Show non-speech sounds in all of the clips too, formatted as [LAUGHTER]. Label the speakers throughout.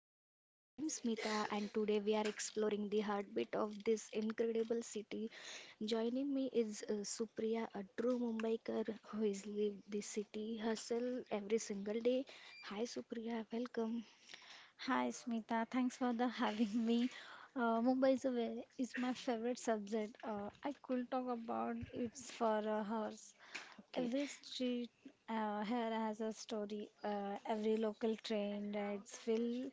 Speaker 1: Mumbai. I'm Smita and today we are exploring the heartbeat of this incredible city. Joining me is Supriya, a true Mumbaiker who has lived the city hustle every single day. Hi Supriya, welcome.
Speaker 2: Hi Smita, thanks for the [LAUGHS] having me. Mumbai is my favorite subject. I could talk about it for hours.
Speaker 1: Okay,
Speaker 2: Every street here has a story. Every local train rides feel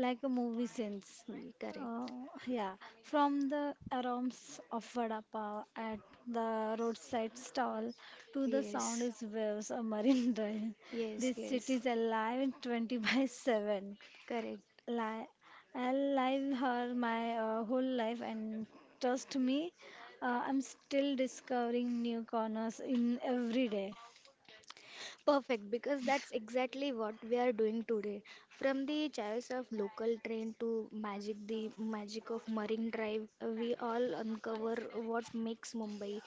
Speaker 2: like a movie scene. Uh,
Speaker 1: correct.
Speaker 2: yeah, from the aromas of vada pav at the roadside stall to the sound
Speaker 1: Yes,
Speaker 2: is waves of marine [LAUGHS] drive.
Speaker 1: yes,
Speaker 2: This city
Speaker 1: yes,
Speaker 2: is alive 20 by 7.
Speaker 1: correct.
Speaker 2: Li- I'll live her my whole life, and trust me, I'm still discovering new corners in every day.
Speaker 1: Perfect, because that's exactly what we are doing today. From the chaos of local train to magic, the magic of Marine Drive, we all uncover what makes Mumbai.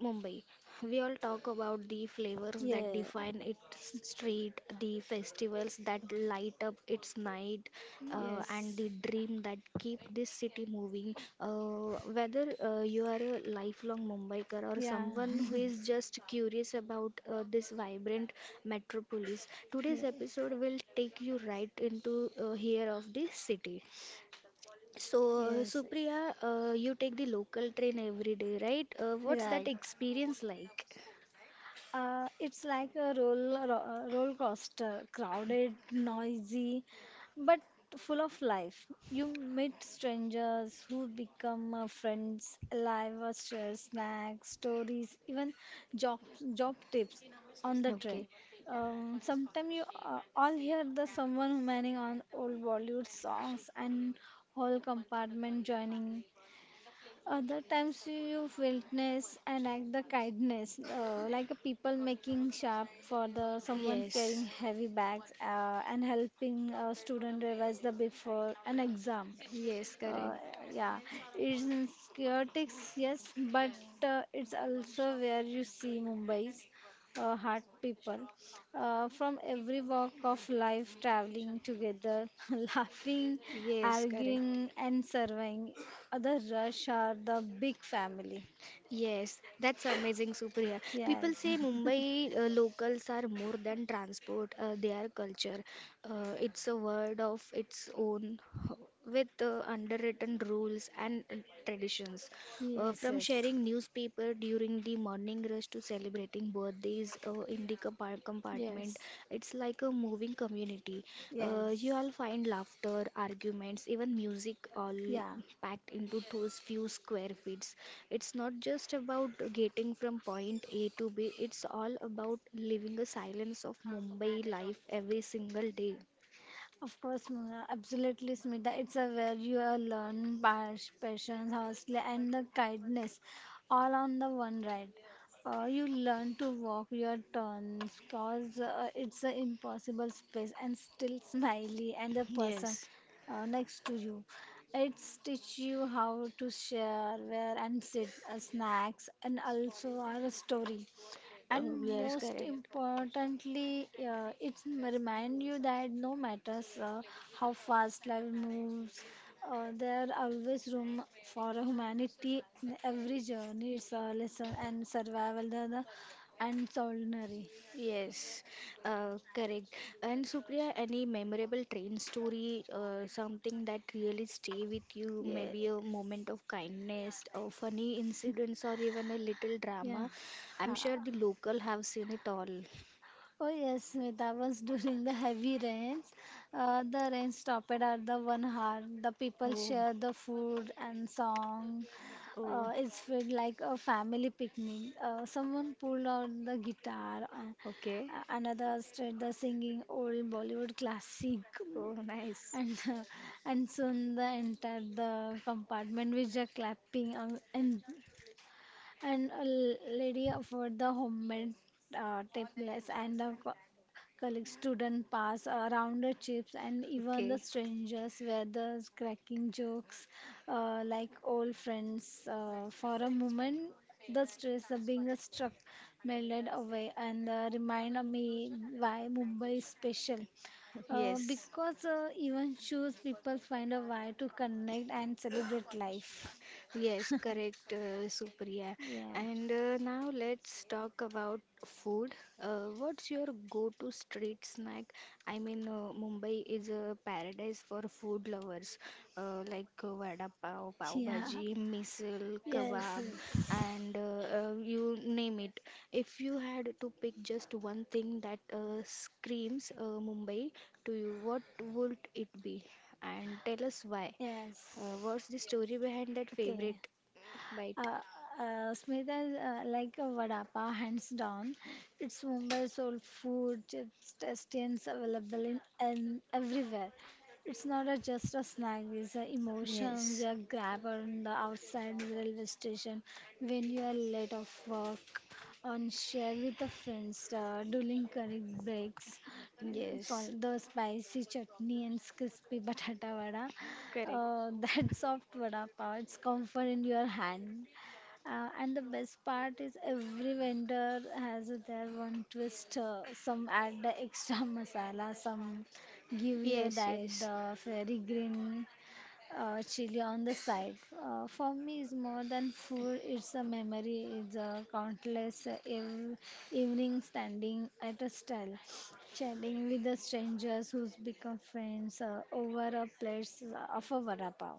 Speaker 1: Mumbai. We all talk about the flavors that
Speaker 2: Yeah,
Speaker 1: define its street, the festivals that light up its night, and
Speaker 2: yes,
Speaker 1: the dream that keep this city moving. Whether you are a lifelong Mumbaiker or
Speaker 2: yeah,
Speaker 1: someone who is just curious about this vibrant metropolis,
Speaker 2: [LAUGHS]
Speaker 1: today's
Speaker 2: yeah.
Speaker 1: episode will take you right into here of this city. So,
Speaker 2: Yes.
Speaker 1: Supriya, you take the local train every day, right? What's that
Speaker 2: Right.
Speaker 1: experience like?
Speaker 2: It's like a roller coaster, crowded, noisy, but full of life. You meet strangers who become friends, alive, share snacks, stories, even job job tips on the train.
Speaker 1: Okay.
Speaker 2: Sometimes you all hear the someone humming on old Bollywood songs and whole compartment joining. Other times you witness and act the kindness, like a people making sharp for the someone
Speaker 1: Yes.
Speaker 2: carrying heavy bags and helping a student revise the before an exam.
Speaker 1: Yes,
Speaker 2: Uh,
Speaker 1: correct.
Speaker 2: yeah, it's in chaotic, yes, but it's also where you see Mumbai's heart people from every walk of life traveling together, [LAUGHS] laughing,
Speaker 1: Yes, correct.
Speaker 2: arguing, and surviving. Other rush are the big family.
Speaker 1: Yes, that's amazing, Supriya.
Speaker 2: Yes,
Speaker 1: People say Mumbai locals are more than transport, they are culture. It's a word of its own with underwritten rules and traditions.
Speaker 2: [LAUGHS] yes,
Speaker 1: From
Speaker 2: yes,
Speaker 1: sharing newspaper during the morning rush to celebrating birthdays in the compartment,
Speaker 2: yes,
Speaker 1: it's like a moving community. You
Speaker 2: yes,
Speaker 1: all find laughter, arguments, even music all
Speaker 2: yeah.
Speaker 1: packed into those few square feet. It's not just about getting from point A to B, it's all about living a silence of Mumbai life every single day.
Speaker 2: Of course, Mona. Absolutely, Smita. It's a where you are learn patience, hustle, and the kindness, all on the one ride. You learn to walk your turns, cause it's an impossible space, and still smiley and the person
Speaker 1: Yes,
Speaker 2: next to you. It's teach you how to share, where and sit, snacks, and also our story. And
Speaker 1: yes,
Speaker 2: most
Speaker 1: correct.
Speaker 2: importantly, it remind you that no matters how fast life moves, there are always room for humanity in every journey. It's a lesson and survival and solidarity.
Speaker 1: Yes, correct. And Supriya, any memorable train story, something that really stay with you,
Speaker 2: Yeah,
Speaker 1: maybe a moment of kindness, or funny incidents, or even a little
Speaker 2: yeah.
Speaker 1: drama. I'm sure the
Speaker 2: [LAUGHS]
Speaker 1: local have seen it all.
Speaker 2: Oh yes, that was [LAUGHS] during the heavy rains. The rain stopped at the 1 hour. The people
Speaker 1: Oh,
Speaker 2: share the food and song.
Speaker 1: oh,
Speaker 2: It's felt like a family picnic. Someone pulled out the guitar,
Speaker 1: okay.
Speaker 2: another started the singing old Bollywood classic,
Speaker 1: Oh, nice.
Speaker 2: and [LAUGHS] and soon the entire the compartment was just clapping and a lady offered the homemade templates and the colleague student pass around the chips and even the
Speaker 1: Okay.
Speaker 2: strangers were the cracking jokes like old friends. For a moment, the stress of being struck melted away and reminded me why Mumbai is special.
Speaker 1: [LAUGHS] Yes.
Speaker 2: Because even shoes people find a way to connect and celebrate life.
Speaker 1: Yes, correct, Supriya.
Speaker 2: Yeah,
Speaker 1: And now let's talk about food. What's your go-to street snack? I mean, Mumbai is a paradise for food lovers, like vada pav,
Speaker 2: [LAUGHS]
Speaker 1: pav
Speaker 2: yeah.
Speaker 1: bhaji, misal,
Speaker 2: Yes, [LAUGHS]
Speaker 1: kebab,
Speaker 2: yes,
Speaker 1: and you name it. If you had to pick just one thing that screams Mumbai to you, what would it be? And tell us why.
Speaker 2: yes.
Speaker 1: What's the story behind that
Speaker 2: Okay.
Speaker 1: favorite bite?
Speaker 2: Uh, Smita, like a vada pav, hands down. It's Mumbai soul food. It's tasty and it's available in, and everywhere. It's not just a snack. These are emotions
Speaker 1: Yes,
Speaker 2: you are grab on the outside railway station when you are late of work, on share with the friends during curry breaks.
Speaker 1: yes,
Speaker 2: Call the spicy chutney and crispy [LAUGHS] batata vada.
Speaker 1: correct.
Speaker 2: [LAUGHS] That soft vada pav. It's comfort in your hand. And the best part is every vendor has their one twist. Some add the extra [LAUGHS] masala, some give you
Speaker 1: Yes,
Speaker 2: that
Speaker 1: yes,
Speaker 2: the fairy green chili on the side. For me, it's more than food. It's a memory. It's a countless evening standing at a stall, chatting with the strangers who's become friends over a plate of a vada pav.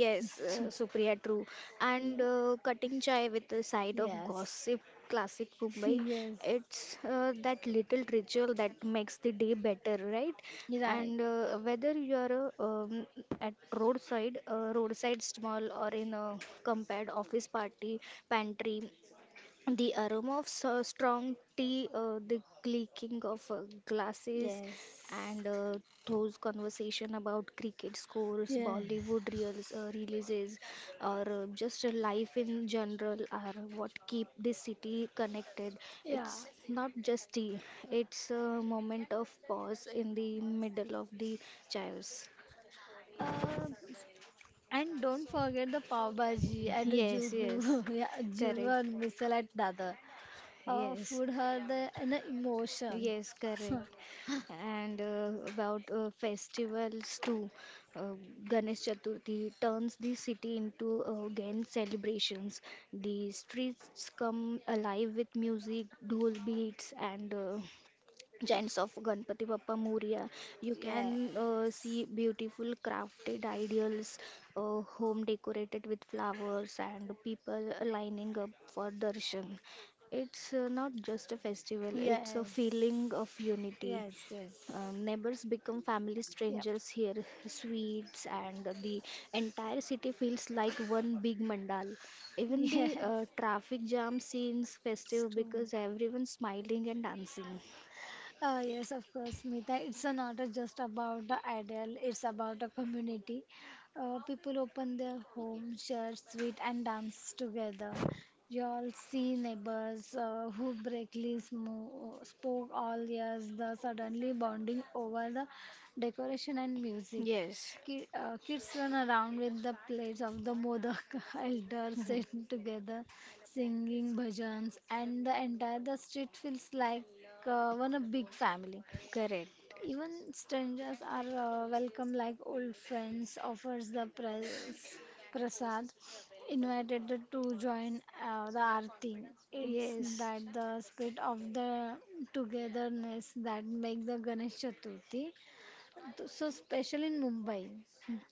Speaker 1: yes, Supriya, true. And
Speaker 2: Ye-
Speaker 1: cutting chai with the side of
Speaker 2: Yes.
Speaker 1: gossip, classic
Speaker 2: [LAUGHS]
Speaker 1: Mumbai.
Speaker 2: Yes,
Speaker 1: It's that little ritual that makes the day better, right?
Speaker 2: right.
Speaker 1: And whether you're at roadside, roadside stall, or in a compared office party pantry. The aroma of so strong tea, the clicking of glasses,
Speaker 2: Yes.
Speaker 1: and those conversation about cricket scores,
Speaker 2: Yes.
Speaker 1: Bollywood reels, releases, or just life in general are what keep this city connected.
Speaker 2: Yeah.
Speaker 1: It's not just tea; it's a moment of pause in the middle of the chaos.
Speaker 2: Uh, and don't forget the pav bhaji at
Speaker 1: [LAUGHS] Yes,
Speaker 2: Juhu,
Speaker 1: yes,
Speaker 2: [LAUGHS] yeah, Juhu
Speaker 1: correct.
Speaker 2: and Misal at Dadar.
Speaker 1: Yes,
Speaker 2: Food had an emotion.
Speaker 1: yes,
Speaker 2: [LAUGHS]
Speaker 1: correct. And about festivals too. Uh, Ganesh Chaturthi turns the city into again celebrations. The streets come alive with music, dhol beats, and giants of Ganpati Bappa Moria. You can
Speaker 2: Yes.
Speaker 1: see beautiful crafted ideals, home decorated with flowers, and people lining up for darshan. It's not just a festival, it's a feeling
Speaker 2: Yes.
Speaker 1: of unity,
Speaker 2: Yes, yes.
Speaker 1: neighbors become family
Speaker 2: Yep.
Speaker 1: strangers here, sweets, and the entire city feels like one big mandal. Even
Speaker 2: [LAUGHS]
Speaker 1: the
Speaker 2: Yes.
Speaker 1: traffic jam seems festive
Speaker 2: True.
Speaker 1: because everyone's smiling and dancing.
Speaker 2: Yes, of course, Smita. It's not just about the ideal, it's about a community. People open their home, share sweet and dance together. You all see neighbors who breakly spoke all years, the suddenly bonding over the decoration and music.
Speaker 1: Yes,
Speaker 2: Kids run around with the plates of the modoc, [LAUGHS] elders sit together singing bhajans, and the entire the street feels like one a big family.
Speaker 1: [LAUGHS] correct.
Speaker 2: Even strangers are welcome like old friends. Offers the prasad, invited to join the aarti. It's
Speaker 1: Yes,
Speaker 2: that the spirit of the togetherness that make the Ganesh Chaturthi so special in Mumbai.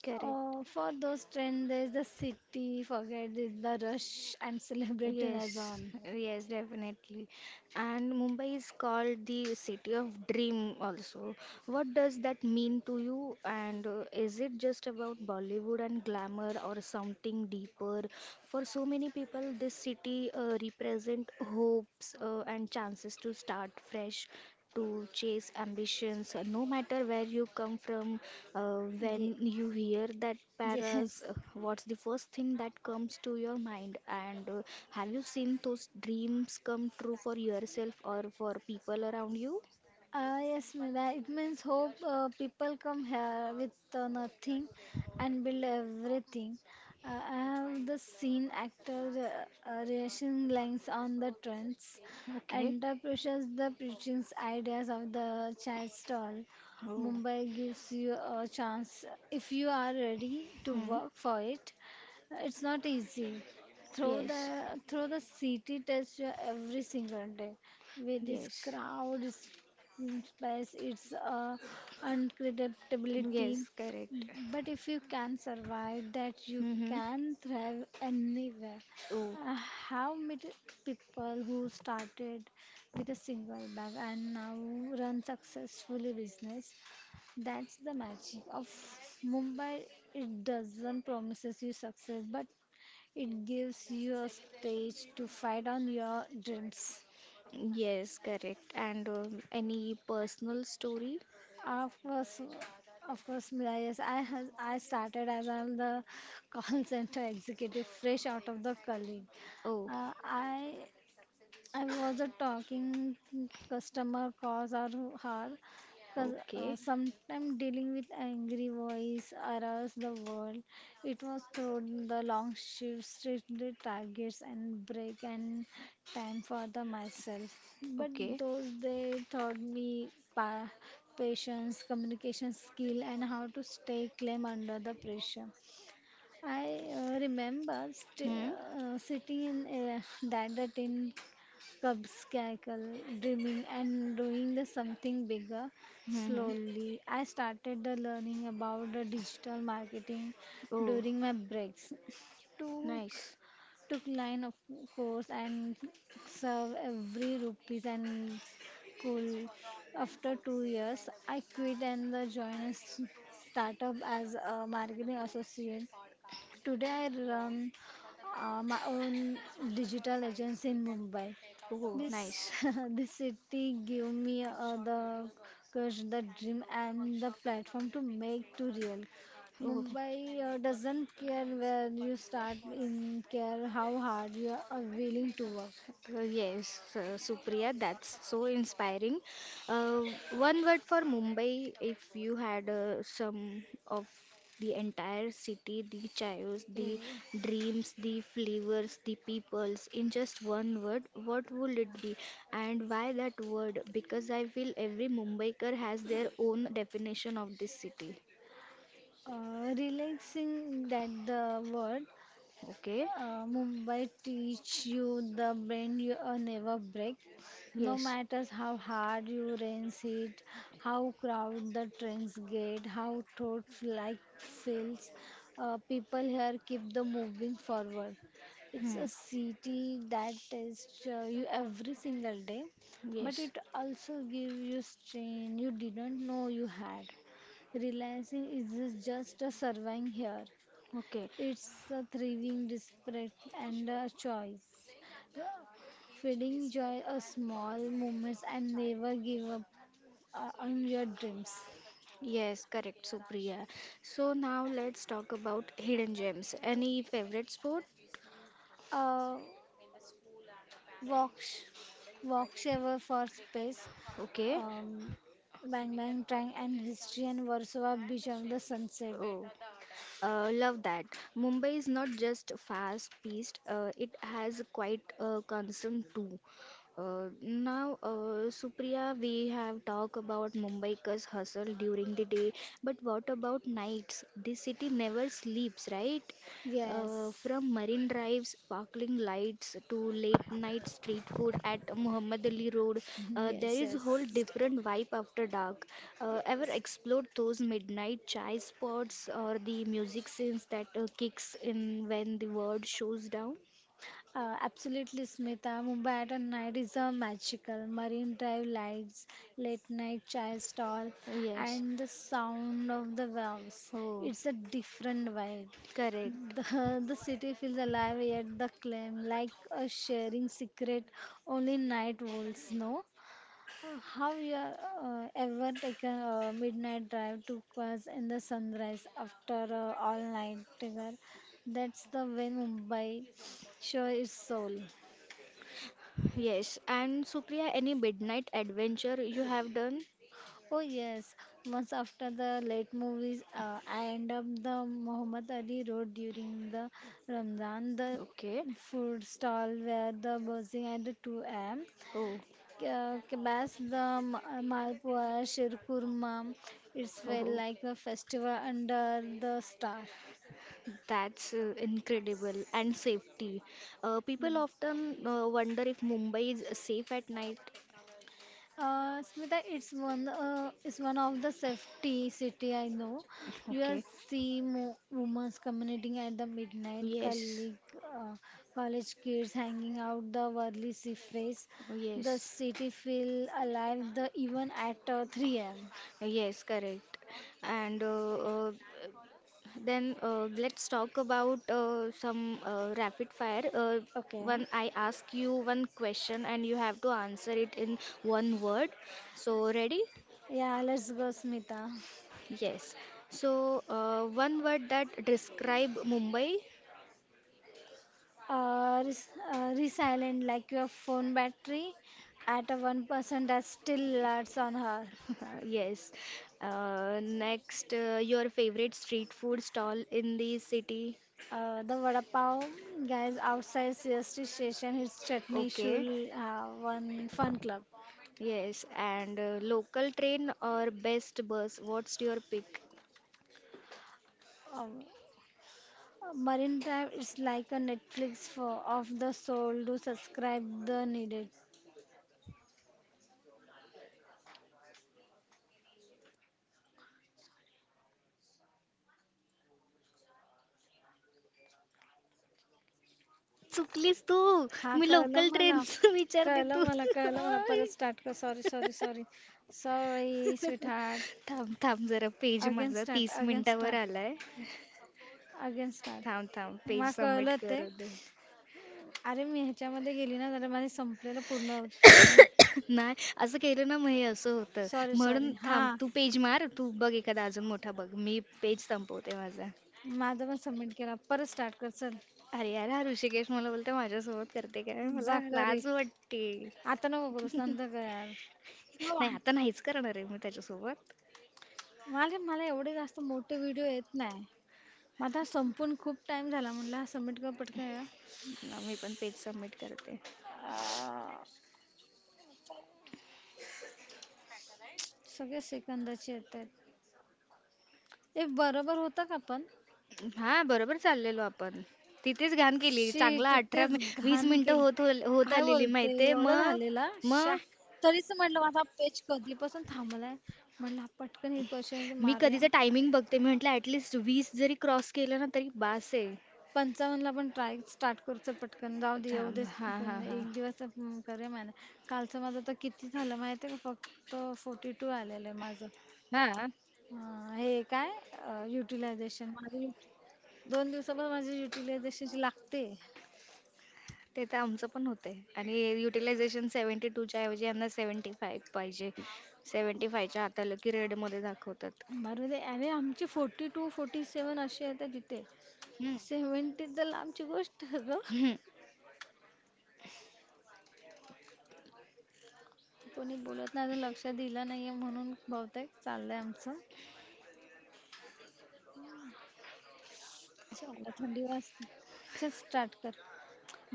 Speaker 1: correct.
Speaker 2: For those trends, there's the city, forget it, the rush, and celebrating
Speaker 1: Yes,
Speaker 2: as on.
Speaker 1: yes, definitely. And Mumbai is called the city of dream also. What does that mean to you? And is it just about Bollywood and glamour or something deeper? For so many people, this city represent hopes and chances to start fresh, to chase ambitions, no matter where you come from.
Speaker 2: Ye-
Speaker 1: When you hear that paras,
Speaker 2: yes.
Speaker 1: what's the first thing that comes to your mind? And have you seen those dreams come true for yourself or for people around you?
Speaker 2: Yes, Mela. It means hope. People come here with nothing and build everything. I have the seen actor reaction lines on the trends
Speaker 1: Okay.
Speaker 2: and the precious the preaching ideas of the child stall.
Speaker 1: Oh.
Speaker 2: Mumbai gives you a chance if you are ready to
Speaker 1: Hmm.
Speaker 2: work for it. It's not easy. Through the
Speaker 1: Yes.
Speaker 2: through the city test you every single day with its
Speaker 1: Yes.
Speaker 2: crowd, its yes, it's unpredictability.
Speaker 1: Yes. Correct.
Speaker 2: But if you can survive that, you
Speaker 1: Mm-hmm.
Speaker 2: can thrive anywhere.
Speaker 1: Oh,
Speaker 2: I have met people who started with a single bag and now run successfully business. That's the magic of Mumbai. It doesn't promises you success, but it gives you a stage to fight on your dreams.
Speaker 1: yes, correct. And any personal story?
Speaker 2: Of course, of course, Mira, yes. I started as I'm the [LAUGHS] call center executive fresh out of the college.
Speaker 1: Oh,
Speaker 2: Uh, I I was a talking customer calls are hard because
Speaker 1: okay,
Speaker 2: sometimes dealing with angry voice aroused the world. It was through the long shifts, restricted targets, and break and time for the myself. But
Speaker 1: okay.
Speaker 2: those they taught me patience, communication skill, and how to stay calm under the pressure. I remember
Speaker 1: Hmm.
Speaker 2: sitting in that the tin Cubs cackle, dreaming and doing the something bigger
Speaker 1: Hmm.
Speaker 2: slowly. I started the learning about the digital marketing
Speaker 1: Oh,
Speaker 2: during my breaks. Took
Speaker 1: nice.
Speaker 2: took line of course and serve every rupees and school. After 2 years, I quit and the joined a startup as a marketing associate. Today I run my own digital agency in Mumbai.
Speaker 1: Oh,
Speaker 2: This
Speaker 1: nice.
Speaker 2: [LAUGHS] this city give me the courage, the dream, and the platform to make to real.
Speaker 1: Oh,
Speaker 2: Mumbai doesn't care where you start, in care how hard you are willing to work.
Speaker 1: yes, Supriya, that's so inspiring. Uh, One word for Mumbai, if you had some of the entire city, the chaos, the
Speaker 2: Eh,
Speaker 1: dreams, the flavors, the peoples, in just one word, what would it be? And why that word? Because I feel every Mumbaiker has their own definition of this city.
Speaker 2: Relaxing that the word.
Speaker 1: Okay?
Speaker 2: Mumbai teach you the bend you never break. No
Speaker 1: Yes.
Speaker 2: matters how hard you race it, how crowded the trains get, how throat like feels, people here keep the moving forward. It's
Speaker 1: Hmm.
Speaker 2: a city that tests you every single day, but
Speaker 1: Yes.
Speaker 2: it also gives you strain you didn't know you had. Realizing is just a surviving here.
Speaker 1: Okay.
Speaker 2: It's a thriving desperate and a choice. Feeding joy a small moments and never give up on your dreams.
Speaker 1: Yes, correct, Supriya. So now let's talk about hidden gems. Any favorite sport?
Speaker 2: Uh, walk, walk ever for space.
Speaker 1: Okay.
Speaker 2: Um, Bang bang tang and history and Warsaw beach of the sunset.
Speaker 1: Oh, love that. Mumbai is not just fast-paced, it has quite a concern too. Now, Supriya, we have talked about Mumbai's hustle during the day, but what about nights? This city never sleeps, right?
Speaker 2: Yes,
Speaker 1: From marine drives, sparkling lights to late night street food at Muhammad Ali Road,
Speaker 2: [LAUGHS]
Speaker 1: there
Speaker 2: yes,
Speaker 1: is a
Speaker 2: yes,
Speaker 1: whole different vibe after dark. Ever
Speaker 2: yes.
Speaker 1: explored those midnight chai spots or the music scenes that kicks in when the world shows down?
Speaker 2: Absolutely, Smita. Mumbai at a night is a magical. Marine Drive lights, late night chai stall,
Speaker 1: Yes.
Speaker 2: and the sound of the waves.
Speaker 1: Oh,
Speaker 2: It's a different vibe.
Speaker 1: correct.
Speaker 2: [LAUGHS] The city feels alive, yet the claim like a sharing secret only night wolves know. How you are, ever taken a midnight drive to Quas in the sunrise after a all night tiger? That's the way Mumbai show its soul.
Speaker 1: Yes. And Supriya, any midnight adventure you have done?
Speaker 2: Oh yes, once after the late movies, I end up the Muhammad Ali Road during the Ramadan, the
Speaker 1: Okay.
Speaker 2: food stall where the buzzing at the 2 a.m.
Speaker 1: Oh,
Speaker 2: Kebabs, the malpua, shirkurma. It's
Speaker 1: [LAUGHS] oh,
Speaker 2: well
Speaker 1: oh.
Speaker 2: like a festival under the star.
Speaker 1: That's incredible. And safety. People
Speaker 2: Mm.
Speaker 1: often wonder if Mumbai is safe at night.
Speaker 2: Smita, it's one of the safety city I know.
Speaker 1: [LAUGHS]
Speaker 2: You will
Speaker 1: Okay.
Speaker 2: see mo women's commuting at the midnight,
Speaker 1: Yes.
Speaker 2: uh, college kids hanging out the worldly sea face. The
Speaker 1: Yes.
Speaker 2: city feel alive the even at 3 a.m.
Speaker 1: Yes, correct. And then let's talk about some rapid fire.
Speaker 2: Okay.
Speaker 1: One, I ask you one question and you have to answer it in one word. So, ready?
Speaker 2: Yeah, let's go, Smita.
Speaker 1: Yes. So, one word that describe Mumbai.
Speaker 2: uh, res- Resilient like your phone battery at a 1% that still lasts on her.
Speaker 1: [LAUGHS] Yes. Next, your favorite street food stall in the city?
Speaker 2: The vada pav guys outside CST station his chutney shul
Speaker 1: Okay.
Speaker 2: one fun club.
Speaker 1: Yes. And local train or best bus? What's your pick?
Speaker 2: Um, Marine Drive is like a Netflix for of the soul. Do subscribe the needed.
Speaker 1: चुकलीस तू
Speaker 2: हा
Speaker 1: मी
Speaker 2: कळलं
Speaker 1: local
Speaker 2: मला
Speaker 1: ट्रेनचं [LAUGHS] विचारते
Speaker 2: कळलं
Speaker 1: तू
Speaker 2: मला कळलं मला
Speaker 1: आय.
Speaker 2: परत स्टार्ट कर sorry sorry sorry sorry sweetheart
Speaker 1: थांब थांब जरा पेज
Speaker 2: अगेन
Speaker 1: माझा
Speaker 2: स्टार्ट
Speaker 1: तीस
Speaker 2: अगेन
Speaker 1: मिनिटावर
Speaker 2: स्टार्ट
Speaker 1: आलाय
Speaker 2: अगेन
Speaker 1: थांब थांब
Speaker 2: स्टार्ट मला
Speaker 1: पेज सबमिट
Speaker 2: कळलं ते
Speaker 1: करू दे
Speaker 2: अरे मी ह्याच्यामध्ये गेली ना जरा माझे संपलेलं पूर्ण
Speaker 1: [LAUGHS] नाही असं केलं ना मग हे असं होतं
Speaker 2: सॉरी
Speaker 1: म्हणून
Speaker 2: सॉरी हा
Speaker 1: थांब तू पेज मार तू बघ एखादा अजून मोठा बघ मी पेज संपवते माझा
Speaker 2: माझं पण सबमिट केला परत स्टार्ट कर चल
Speaker 1: अरे यार हा ऋषिकेश मला बोलतोय माझ्यासोबत करते काय
Speaker 2: जा
Speaker 1: मला
Speaker 2: कर
Speaker 1: लाज
Speaker 2: एक
Speaker 1: वाटते
Speaker 2: आता नको करूस नंतर कर यार हो,
Speaker 1: नाही आता नाहीच करणार आहे मी त्याच्यासोबत
Speaker 2: मला मला एवढे जास्त मोठे व्हिडिओ येत नाही माझा संपून खूप टाइम झाला म्हणलं हा सबमिट कर पटकन यार.
Speaker 1: ना, मी पण पेज सबमिट करते
Speaker 2: अं, सगळे सेकंदाचे येत आहेत हे बरोबर होतं का पण
Speaker 1: हा बरोबर चाललेलो आपण तिथेच घाण केली
Speaker 2: शिट!
Speaker 1: चांगला अठरा
Speaker 2: इतकेच
Speaker 1: वीस
Speaker 2: घाण केली.
Speaker 1: मिनिटं होत होत
Speaker 2: काय
Speaker 1: आलेली
Speaker 2: बोलते?
Speaker 1: माहितीये
Speaker 2: एवढं
Speaker 1: मग
Speaker 2: झालेलं? श्या!
Speaker 1: मग
Speaker 2: तरीच म्हटलं माझा पेच कधीपासून थांबलाय. म्हटलं हा पटकन हे क्वेश्चन
Speaker 1: मी
Speaker 2: मारूया.
Speaker 1: कधीचं टायमिंग बघते मी म्हटलं ऍटलिस्ट वीस जरी क्रॉस केलं ना तरी बास आहे
Speaker 2: 55 ला पण ट्राय स्टार्ट करू चल पटकन. जाऊ दे येऊ
Speaker 1: थांब
Speaker 2: दे
Speaker 1: हा हा
Speaker 2: कोण
Speaker 1: हा
Speaker 2: एक दिवस अं, करूया मॅनेज. कालचं माझं तर किती झालं माहिती आहे का? फक्त 42 आलेलं आहे माझं.
Speaker 1: हा
Speaker 2: अं, हे काय युटिलायझेशन माझं युटि दोन दिवसापासून माझी युटिलायझेशन लागते.
Speaker 1: ते तर आमचं पण होतंय आणि युटिलायझेशन 72च्या ऐवजी यांना 75 पाहिजे 75च्या हाताला की रेडमध्ये दाखवतात
Speaker 2: मारू दे. अरे आमची 42 47 अशी येते तिथे.
Speaker 1: हम्म.
Speaker 2: सेव्हन्टीज तर लांबची गोष्ट आहे ग
Speaker 1: हम्म.
Speaker 2: कोणी बोलत नाही अजून लक्ष दिलं नाहीये म्हणून बहुतेक चाललंय आमचं चाललं थंडी वाजते चल स्टार्ट कर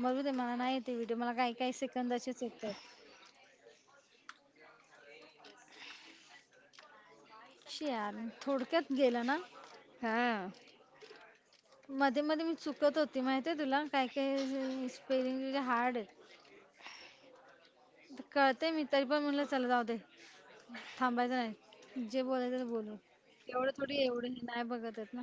Speaker 2: मरू दे मला नाही येते व्हिडिओ मला काही काही सेकंदाचेच येत शी यार थोडक्यात गेलं ना
Speaker 1: हा
Speaker 2: मध्ये मध्ये मी चुकत होती माहिती तुला काही काही स्पेलिंग तुझे हार्ड आहेत कळते मी तरी पण म्हणलं चला जाऊ दे थांबायचं नाही जे बोलायचं ते बोलू एवढं थोडी एवढं हे नाही बघत आहेत ना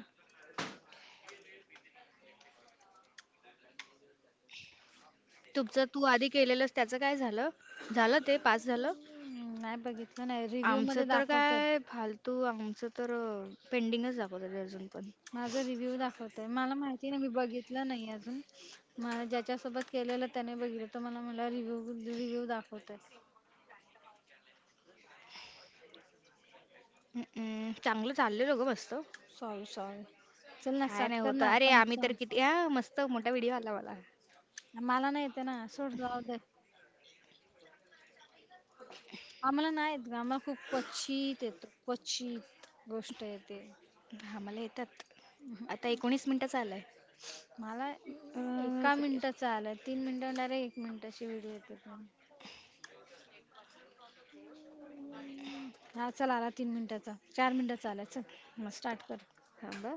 Speaker 1: तुमचं तू आधी केलेलंस त्याचं काय झालं झालं ते पास झालं
Speaker 2: हम्म, नाही बघितलं नाही रिव्ह्यू
Speaker 1: आमचं
Speaker 2: मध्ये
Speaker 1: तर
Speaker 2: दाखवतात
Speaker 1: काय फालतू आमचं तर पेंडिंगच दाखवतात ते अजून पण
Speaker 2: माझा रिव्ह्यू दाखवतंय मला माहिती नाही मी बघितलं नाही अजून मला ज्याच्यासोबत केलेलं त्याने बघितलं तो मला मला रिव्ह्यू रिव्ह्यू दाखवतंय
Speaker 1: हम्म. चांगलं चाललेलं ग मस्त
Speaker 2: सॉरी सॉरी चल ना
Speaker 1: काय
Speaker 2: स्टार्ट
Speaker 1: नाही
Speaker 2: कर
Speaker 1: होतं
Speaker 2: ना
Speaker 1: अरे आम्ही तर
Speaker 2: पंचावन्न
Speaker 1: किती हा मस्त मोठा व्हिडिओ आला मला
Speaker 2: मला नाही येते ना सोड जाऊ दे आम्हाला नाही येत गं आम्हाला खूप क्वचित येतो क्वचित गोष्ट येते
Speaker 1: आम्हाला येतात आता एकोणीस मिनिटाचा आलाय
Speaker 2: मला
Speaker 1: अं,
Speaker 2: एका मिनिटाचा आला तीन मिनिटं डायरेक्ट एक मिनिटाची व्हिडिओ येते पण. हा चल आला तीन मिनिटाचा चार मिनिटाचा आला चल
Speaker 1: मस्त
Speaker 2: स्टार्ट कर
Speaker 1: थांबा